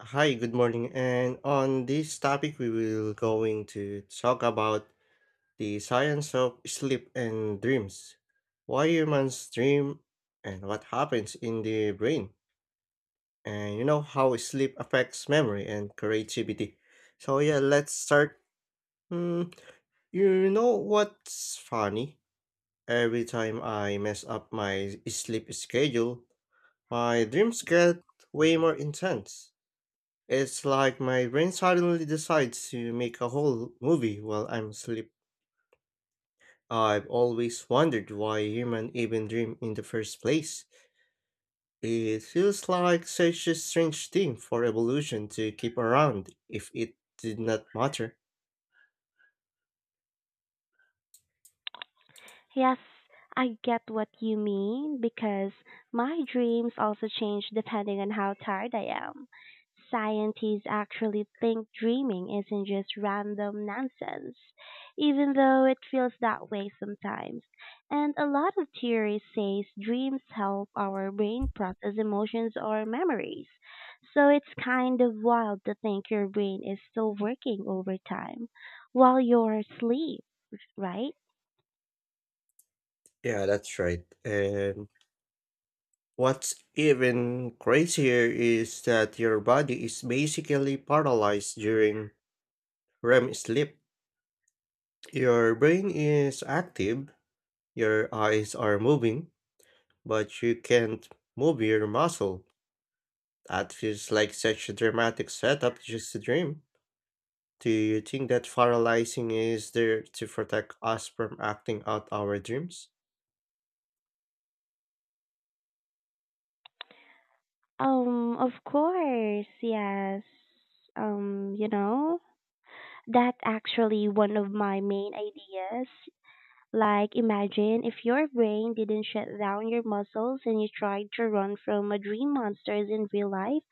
Hi, good morning. And on this topic, we will going to talk about the science of sleep and dreams. Why humans dream and what happens in the brain. And you know how sleep affects memory and creativity. So yeah, let's start. Mm, you know what's funny? Every time I mess up my sleep schedule, my dreams get way more intense. It's like my brain suddenly decides to make a whole movie while I'm asleep. I've always wondered why human even dream in the first place. It feels like such a strange thing for evolution to keep around if it did not matter. Yes, I get what you mean because my dreams also change depending on how tired I am. Scientists actually think dreaming isn't just random nonsense, even though it feels that way sometimes. And a lot of theories says dreams help our brain process emotions or memories. So it's kind of wild to think your brain is still working overtime while you're asleep, right? Yeah, that's right. And what's even crazier is that your body is basically paralyzed during REM sleep. Your brain is active, your eyes are moving, but you can't move your muscle. That feels like such a dramatic setup, just a dream. Do you think that paralyzing is there to protect us from acting out our dreams? Of course, yes. Um, you know, that's actually one of my main ideas. Like, imagine if your brain didn't shut down your muscles and you tried to run from a dream monsters in real life.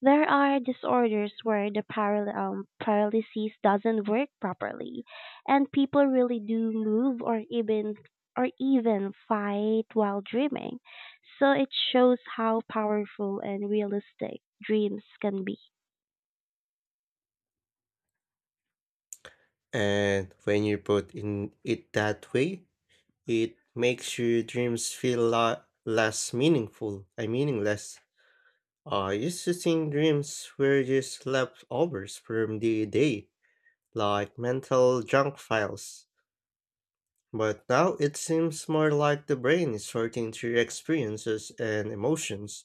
There are disorders where the paralysis doesn't work properly, and people really do move or even fight while dreaming. So it shows how powerful and realistic dreams can be. And when you put in it that way, it makes your dreams feel less meaningful. I meaningless. I used to think dreams were just leftovers from the day, like mental junk files. But now it seems more like the brain is sorting through experiences and emotions,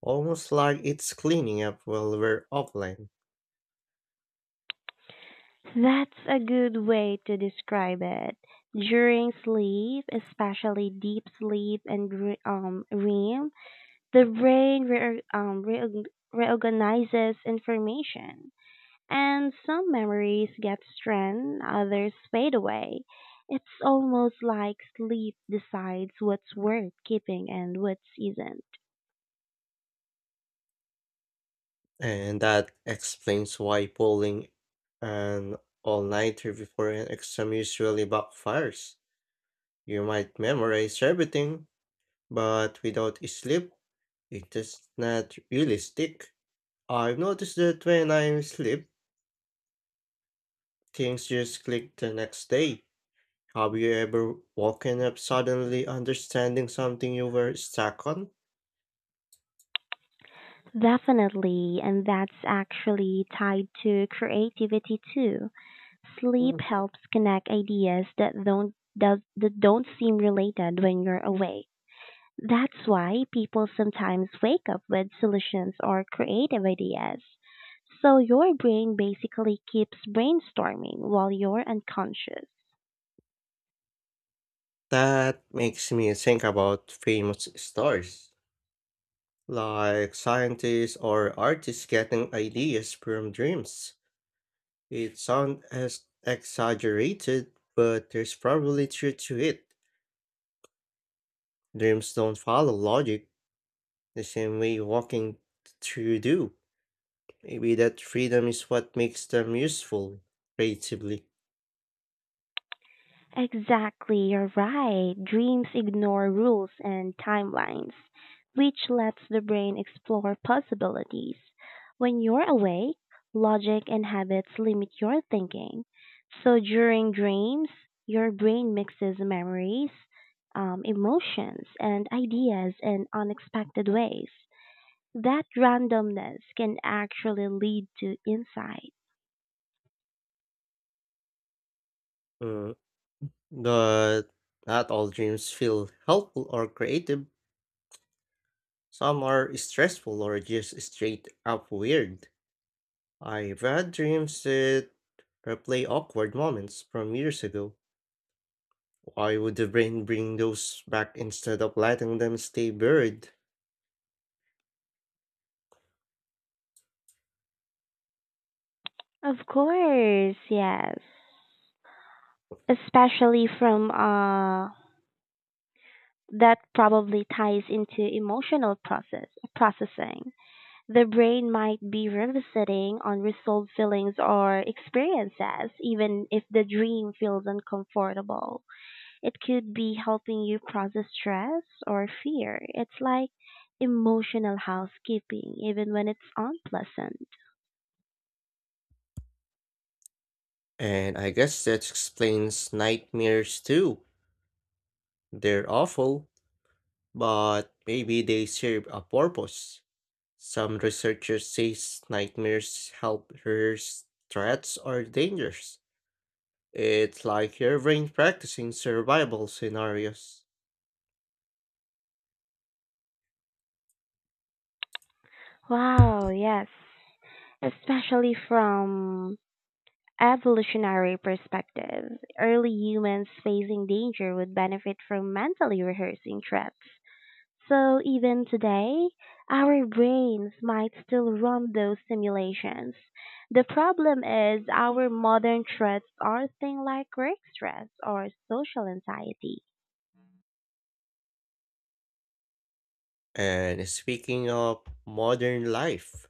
almost like it's cleaning up while we're offline. That's a good way to describe it. During sleep, especially deep sleep and REM, the brain reorganizes information. And some memories get strand, others fade away. It's almost like sleep decides what's worth keeping and what isn't. And that explains why pulling an all nighter before an exam usually backfires. You might memorize everything, but without sleep, it does not really stick. I've noticed that when I sleep, things just click the next day. Have you ever woken up suddenly understanding something you were stuck on? Definitely, and that's actually tied to creativity too. Mm. Sleep helps connect ideas that don't seem related when you're awake. That's why people sometimes wake up with solutions or creative ideas. So your brain basically keeps brainstorming while you're unconscious. That makes me think about famous stories, like scientists or artists getting ideas from dreams. It sounds as exaggerated, but there's probably truth to it. Dreams don't follow logic the same way walking through do. Maybe that freedom is what makes them useful creatively. Exactly, you're right. Dreams ignore rules and timelines, which lets the brain explore possibilities. When you're awake, logic and habits limit your thinking. So during dreams, your brain mixes memories, emotions, and ideas in unexpected ways. That randomness can actually lead to insight. Mm. But not all dreams feel helpful or creative. Some are stressful or just straight up weird. I've had dreams that replay awkward moments from years ago. Why would the brain bring those back instead of letting them stay buried? Of course, yes. Especially from that probably ties into emotional process processing. The brain might be revisiting unresolved feelings or experiences, even if the dream feels uncomfortable. It could be helping you process stress or fear. It's like emotional housekeeping, even when it's unpleasant. And I guess that explains nightmares too. They're awful, but maybe they serve a purpose. Some researchers say nightmares help rehearse threats or dangers. It's like your brain practicing survival scenarios. Wow, yes. Especially from evolutionary perspective, early humans facing danger would benefit from mentally rehearsing threats. So even today, our brains might still run those simulations. The problem is our modern threats are things like work stress or social anxiety. And speaking of modern life,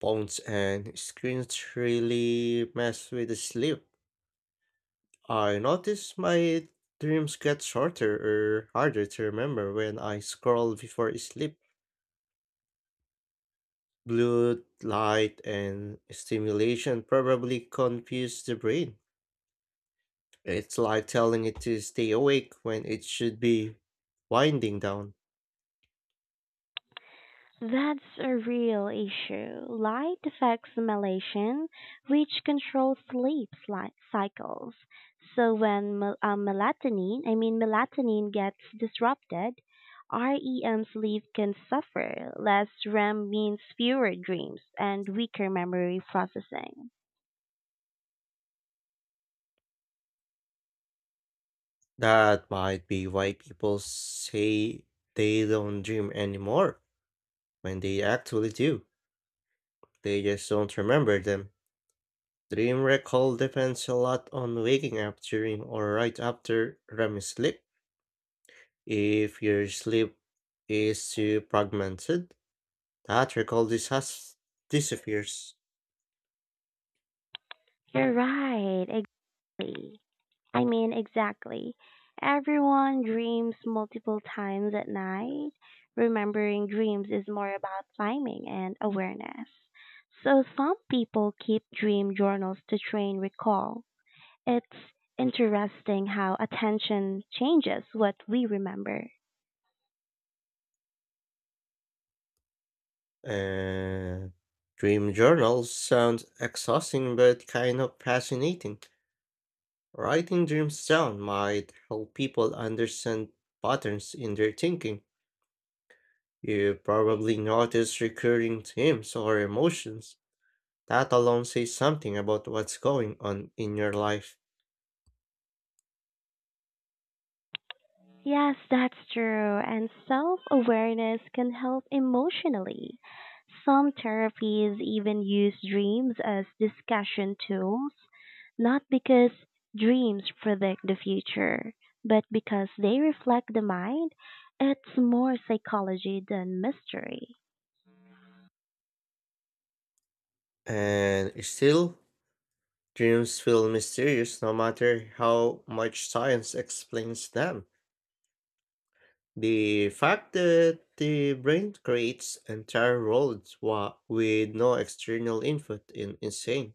phones and screens really mess with the sleep. I notice my dreams get shorter or harder to remember when I scroll before sleep. Blue light and stimulation probably confuse the brain. It's like telling it to stay awake when it should be winding down. That's a real issue. Light affects melatonin, which controls sleep cycles. So when mel- melatonin, I mean melatonin gets disrupted, REM sleep can suffer. Less REM means fewer dreams and weaker memory processing. That might be why people say they don't dream anymore when they actually do. They just don't remember them. Dream recall depends a lot on waking up during or right after REM sleep. If your sleep is too fragmented, that recall disappears. You're right, exactly. I mean, Exactly. Everyone dreams multiple times at night. Remembering dreams is more about timing and awareness. So some people keep dream journals to train recall. It's interesting how attention changes what we remember. Uh, Dream journals sound exhausting but kind of fascinating. Writing dreams down might help people understand patterns in their thinking. You probably notice recurring themes or emotions. That alone says something about what's going on in your life. Yes, that's true. And self awareness can help emotionally. Some therapies even use dreams as discussion tools. Not because dreams predict the future, but because they reflect the mind. It's more psychology than mystery. And still, dreams feel mysterious no matter how much science explains them. The fact that the brain creates entire worlds with no external input is insane.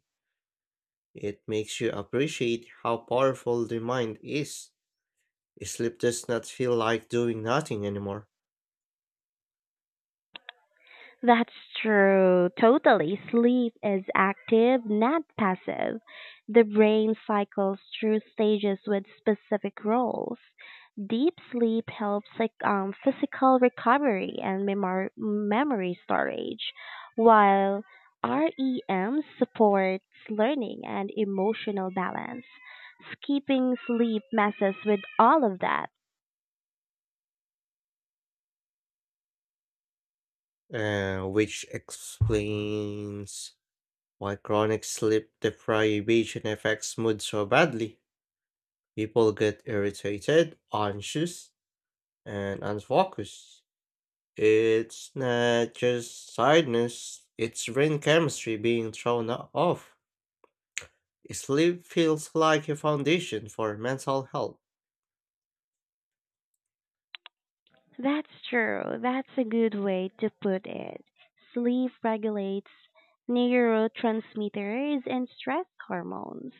It makes you appreciate how powerful the mind is. Sleep does not feel like doing nothing anymore, That's true. Totally. Sleep is active, not passive. The brain cycles through stages with specific roles. Deep sleep helps like physical recovery and memory storage, while REM supports learning and emotional balance. Skipping sleep messes with all of that. Which explains why chronic sleep deprivation affects mood so badly. People get irritated, anxious, and unfocused. It's not just sadness; it's brain chemistry being thrown off. Sleep feels like a foundation for mental health. That's true. That's a good way to put it. Sleep regulates neurotransmitters and stress hormones.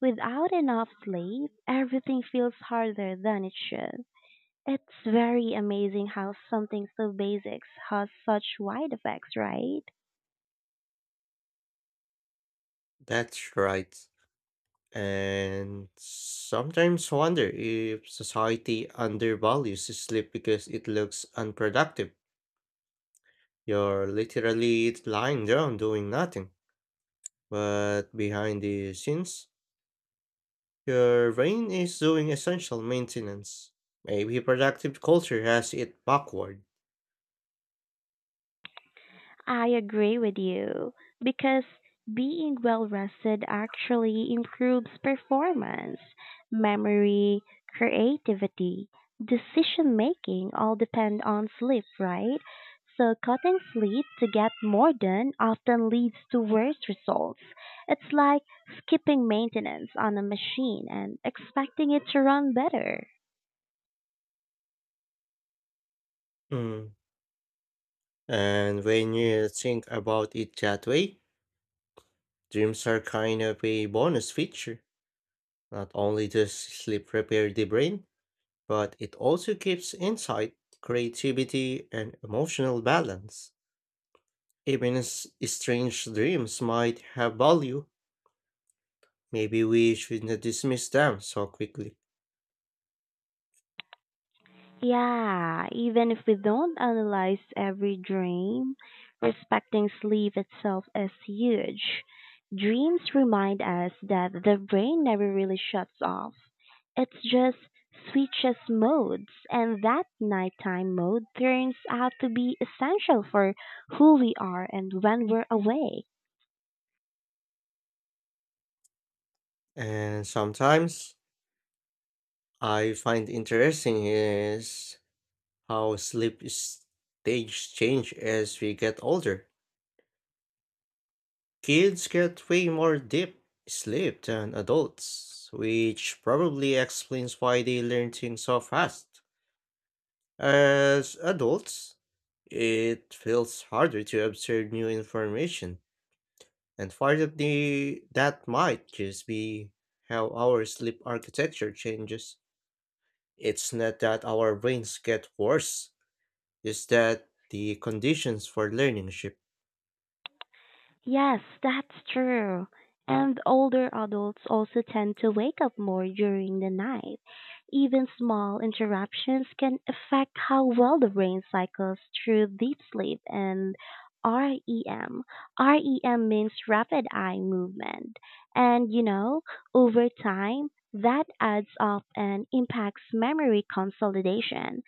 Without enough sleep, everything feels harder than it should. It's very amazing how something so basics has such wide effects, right? That's right. And sometimes wonder if society undervalues sleep because it looks unproductive. You're literally lying down doing nothing. But behind the scenes, your brain is doing essential maintenance. Maybe productive culture has it backward. I agree with you because being well rested actually improves performance, memory, creativity, decision making all depend on sleep, right? So cutting sleep to get more done often leads to worse results. It's like skipping maintenance on a machine and expecting it to run better. Mm. And when you think about it that way, dreams are kind of a bonus feature. Not only does sleep repair the brain, but it also keeps insight, creativity, and emotional balance. Even strange dreams might have value. Maybe we shouldn't dismiss them so quickly. Yeah, even if we don't analyze every dream, respecting sleep itself is huge. Dreams remind us that the brain never really shuts off. It just switches modes, and that nighttime mode turns out to be essential for who we are and when we're awake. And sometimes I find interesting is how sleep is stage change as we get older. Kids get way more deep sleep than adults, which probably explains why they learn things so fast. As adults, it feels harder to observe new information, and part of the that might just be how our sleep architecture changes. It's not that our brains get worse, it's that the conditions for learning shift. Yes, that's true. And older adults also tend to wake up more during the night. Even small interruptions can affect how well the brain cycles through deep sleep and REM. REM means rapid eye movement. And you know, over time, that adds up and impacts memory consolidation.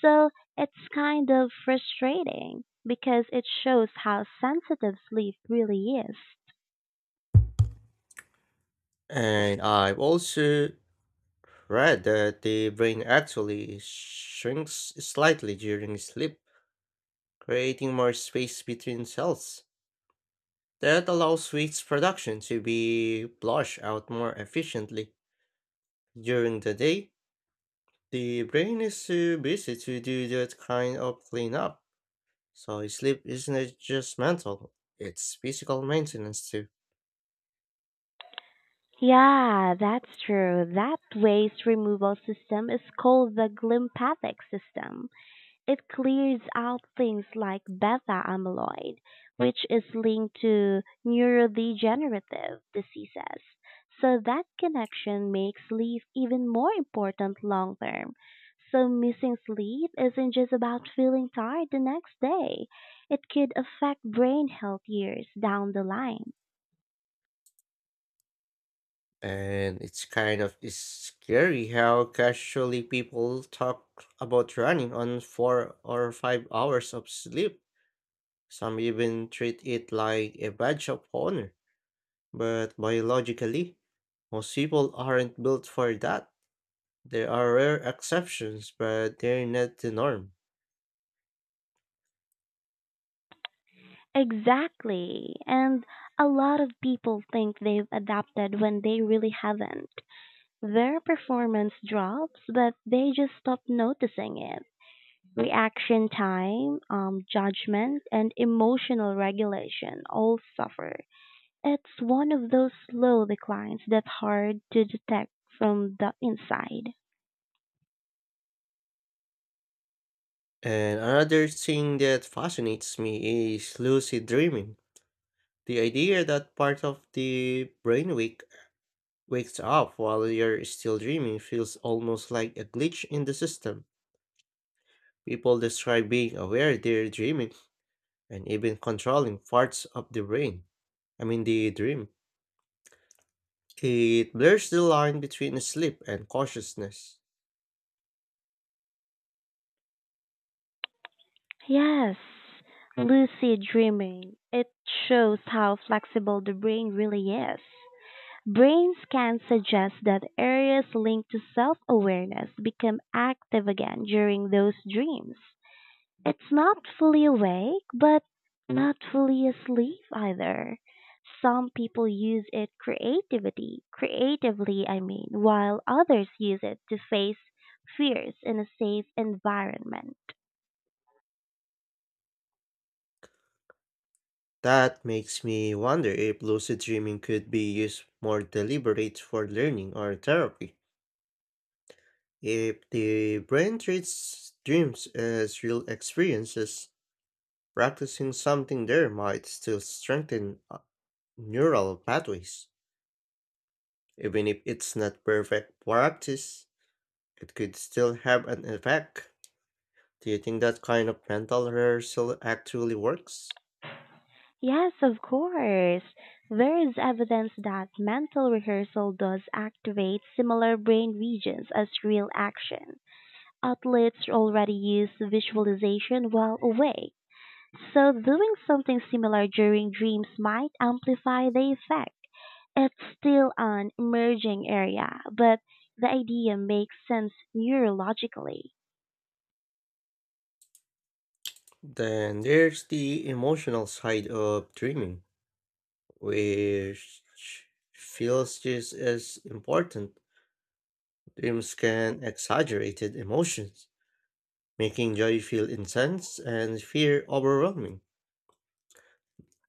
So it's kind of frustrating because it shows how sensitive sleep really is. And I've also right, that the brain actually shrinks slightly during sleep, creating more space between cells. That allows waste production to be flushed out more efficiently. During the day, the brain is too busy to do that kind of cleanup, so sleep isn't just mental, it's physical maintenance too. Yeah, that's true. That waste removal system is called the glympathic system. It clears out things like beta amyloid, which is linked to neurodegenerative diseases. So that connection makes sleep even more important long term. So missing sleep isn't just about feeling tired the next day. It could affect brain health years down the line. And it's kind of is scary how casually people talk about running on 4 or 5 hours of sleep. Some even treat it like a badge of honor. But biologically, most people aren't built for that. There are rare exceptions, but they're not the norm. Exactly. And a lot of people think they've adapted when they really haven't. Their performance drops, but they just stop noticing it. Reaction time, judgment, and emotional regulation all suffer. It's one of those slow declines that's hard to detect from the inside. And another thing that fascinates me is lucid dreaming. The idea that part of the brainwave wakes up while you're still dreaming feels almost like a glitch in the system. People describe being aware they're dreaming and even controlling parts of the brain. I mean, the dream. It blurs the line between sleep and consciousness. Yes, lucid dreaming. It shows how flexible the brain really is. Brain scans suggest that areas linked to self awareness become active again during those dreams. It's not fully awake, but not fully asleep either. Some people use it creatively, while others use it to face fears in a safe environment. That makes me wonder if lucid dreaming could be used more deliberate for learning or therapy. If the brain treats dreams as real experiences, practicing something there might still strengthen neural pathways. Even if it's not perfect practice, it could still have an effect. Do you think that kind of mental rehearsal actually works? Yes, of course. There is evidence that mental rehearsal does activate similar brain regions as real action. Athletes already use visualization while awake. So doing something similar during dreams might amplify the effect. It's still an emerging area, but the idea makes sense neurologically. Then there's the emotional side of dreaming, which feels just as important. Dreams can exaggerate emotions, making joy feel intense and fear overwhelming.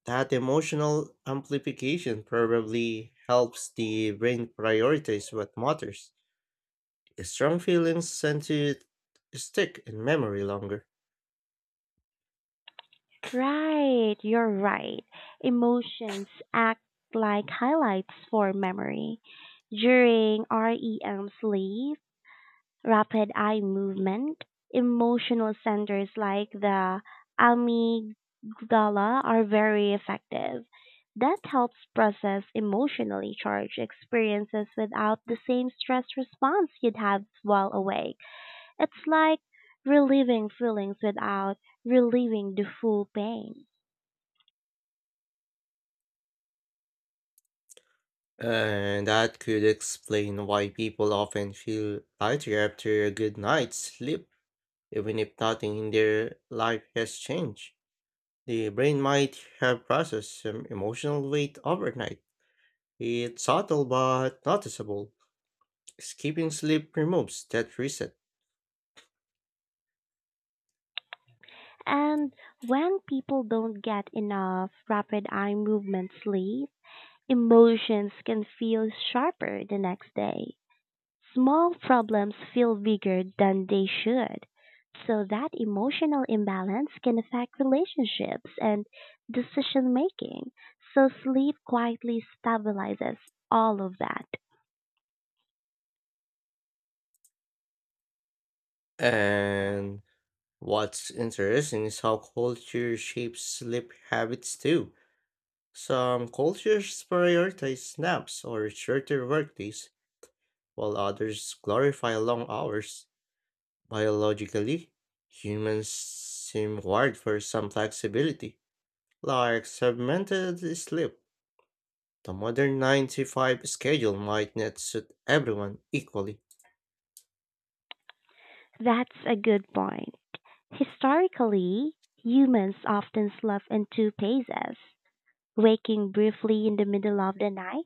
That emotional amplification probably helps the brain prioritize what matters. Strong feelings tend to stick in memory longer. Right, you're right. Emotions act like highlights for memory. During REM sleep, rapid eye movement. Emotional centers like the amygdala are very effective. That helps process emotionally charged experiences without the same stress response you'd have while awake. It's like relieving feelings without relieving the full pain. And that could explain why people often feel lighter after a good night's sleep, even if nothing in their life has changed. The brain might have processed some emotional weight overnight. It's subtle but noticeable. Skipping sleep removes that reset. And when people don't get enough rapid eye movement sleep, emotions can feel sharper the next day. Small problems feel bigger than they should. So that emotional imbalance can affect relationships and decision making. So sleep quietly stabilizes all of that. And what's interesting is how culture shapes sleep habits too. Some cultures prioritize naps or shorter workdays, while others glorify long hours. Biologically, humans seem wired for some flexibility, like segmented sleep. The modern 9-5 schedule might not suit everyone equally, That's a good point. Historically, humans often slept in two phases, waking briefly in the middle of the night.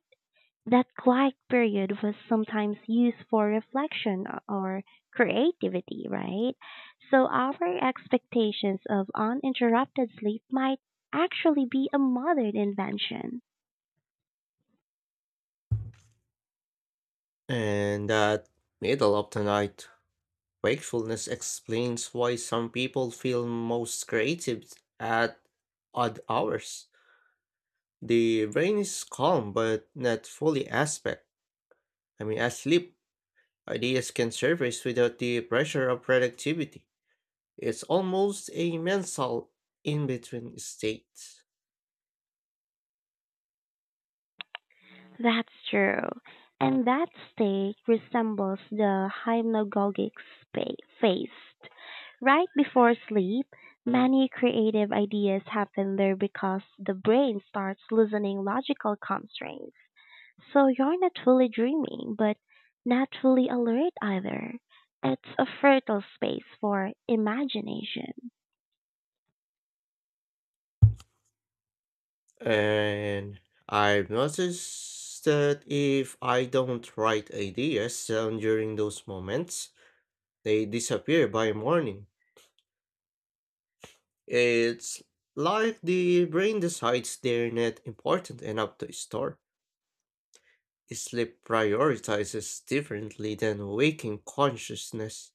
That quiet period was sometimes used for reflection or creativity, right? So our expectations of uninterrupted sleep might actually be a modern invention. and that middle of the night wakefulness explains why some people feel most creative at odd hours. The brain is calm but not fully aspect. I mean, asleep, ideas can surface without the pressure of productivity. It's almost a mental in between state. That's true. And that state resembles the hypnagogic phase. Right before sleep, many creative ideas happen there because the brain starts loosening logical constraints. So you're not fully dreaming, but not fully alert either. It's a fertile space for imagination. And I've noticed that if I don't write ideas down during those moments, they disappear by morning. It's like the brain decides they're not important enough to store. Sleep prioritizes differently than waking consciousness.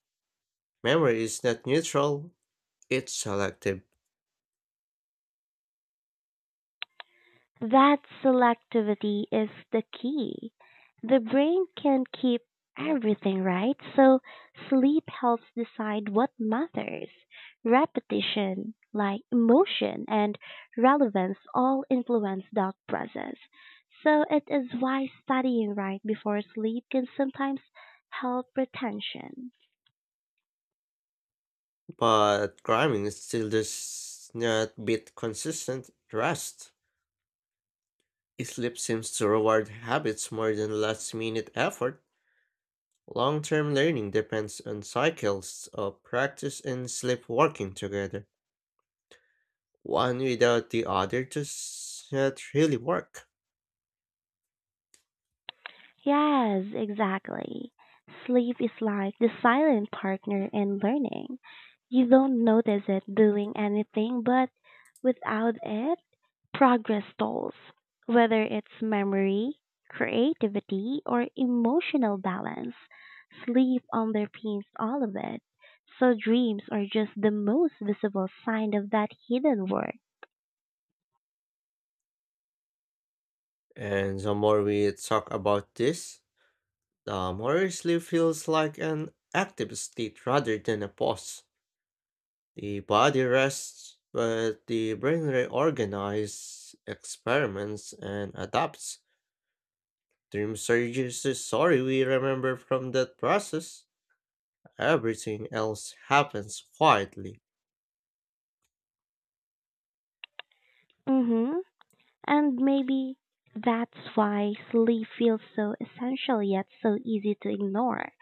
Memory is not neutral, it's selective. That selectivity is the key. The brain can't keep everything right, so sleep helps decide what matters. Repetition, like emotion and relevance, all influence that process. So it is why studying right before sleep can sometimes help retention. But cramming still does not beat consistent rest. Sleep seems to reward habits more than last minute effort. Long term learning depends on cycles of practice and sleep working together. One without the other doesn't really work. Yes, exactly. Sleep is like the silent partner in learning. You don't notice it doing anything, but without it, progress stalls, whether it's memory, creativity, or emotional balance. Sleep underpins all of it. So dreams are just the most visible sign of that hidden work. And the more we talk about this, the more sleep feels like an active state rather than a pause. The body rests, but the brain reorganizes, experiments, and adapts. Dreams are just the story we remember from that process. Everything else happens quietly. Mm-hmm. And maybe that's why sleep feels so essential yet so easy to ignore.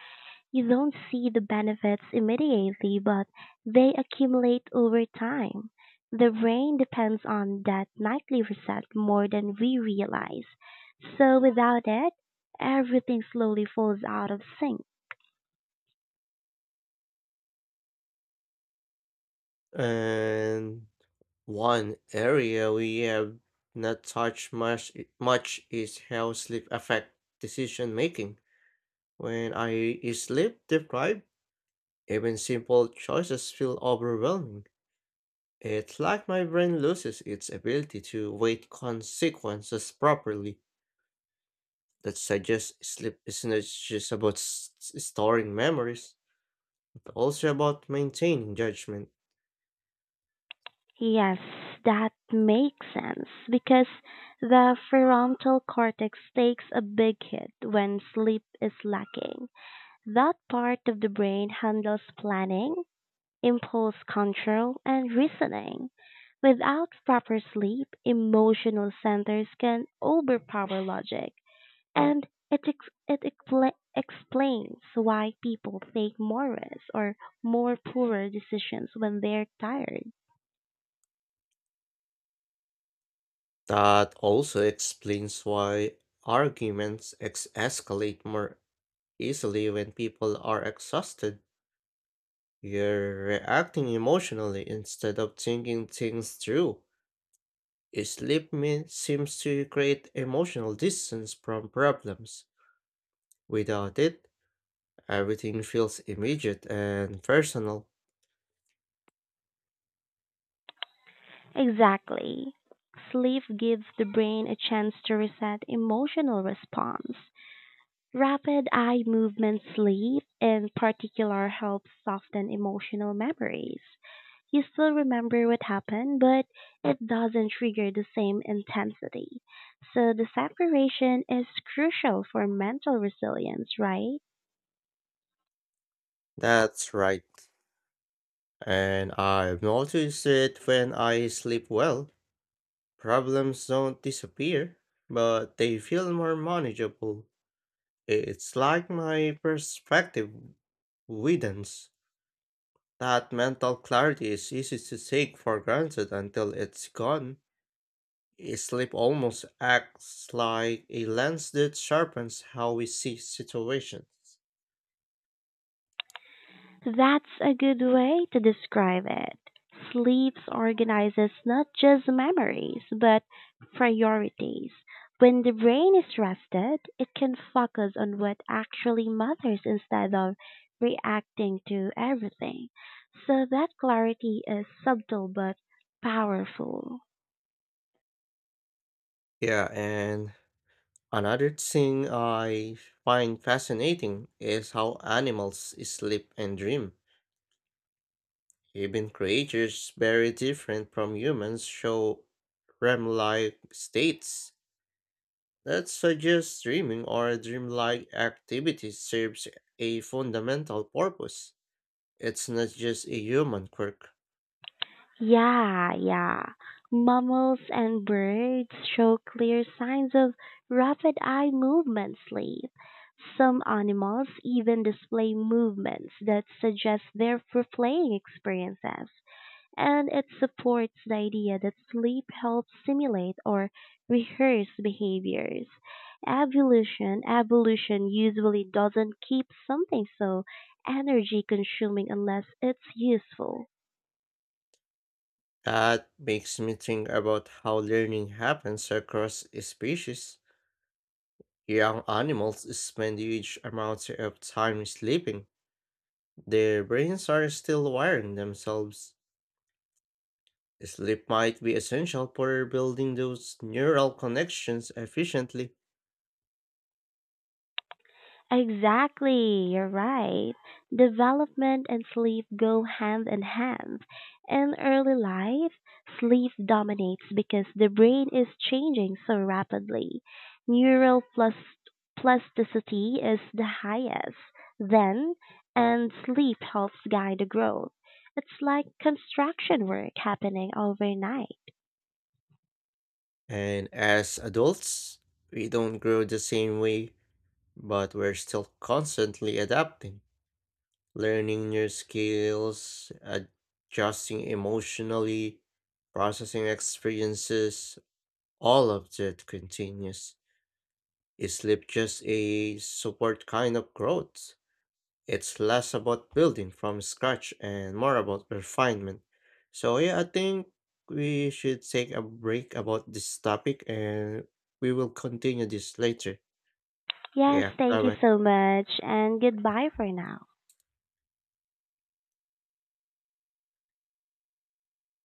You don't see the benefits immediately, but they accumulate over time. The brain depends on that nightly reset more than we realize. So without it, everything slowly falls out of sync. And one area we have not touched much is how sleep affect decision making. When I is sleep deprived, even simple choices feel overwhelming. It's like my brain loses its ability to weigh consequences properly. That suggests sleep isn't just about storing memories, but also about maintaining judgment. Yes, that makes sense because the frontal cortex takes a big hit when sleep is lacking. That part of the brain handles planning, impulse control, and reasoning. Without proper sleep, emotional centers can overpower logic, and it explains why people take more risks or more poorer decisions when they're tired. That also explains why arguments escalate more easily when people are exhausted. You're reacting emotionally instead of thinking things through. Sleep seems to create emotional distance from problems. Without it, everything feels immediate and personal. Exactly. Sleep gives the brain a chance to reset emotional response. Rapid eye movement sleep, in particular, helps soften emotional memories. You still remember what happened, but it doesn't trigger the same intensity. So the separation is crucial for mental resilience, right? That's right. And I've noticed it when I sleep well. Problems don't disappear, but they feel more manageable. It's like my perspective widens. That mental clarity is easy to take for granted until it's gone. Sleep almost acts like a lens that sharpens how we see situations. That's a good way to describe it. Sleeps organizes not just memories, but priorities. When the brain is rested, it can focus on what actually matters instead of reacting to everything. So that clarity is subtle but powerful. Yeah, and another thing I find fascinating is how animals sleep and dream. Even creatures very different from humans show REM-like states. That suggests dreaming or dreamlike activity serves a fundamental purpose. It's not just a human quirk. Yeah, yeah. Mammals and birds show clear signs of rapid eye movement sleep. Some animals even display movements that suggest they're replaying experiences, and it supports the idea that sleep helps simulate or rehearse behaviors. Evolution usually doesn't keep something so energy consuming unless it's useful. That makes me think about how learning happens across species. Young animals spend huge amounts of time sleeping. Their brains are still wiring themselves. Sleep might be essential for building those neural connections efficiently. Exactly, you're right. Development and sleep go hand in hand. In early life, sleep dominates because the brain is changing so rapidly. Neural plus plasticity is the highest then, and sleep helps guide the growth. It's like construction work happening overnight. And as adults, we don't grow the same way. But we're still constantly adapting, learning new skills, adjusting emotionally, processing experiences. All of that continues. Is sleep just a support kind of growth? It's less about building from scratch and more about refinement. So, yeah, I think we should take a break about this topic and we will continue this later. Yes, Yeah, thank bye you bye. so much, and goodbye for now.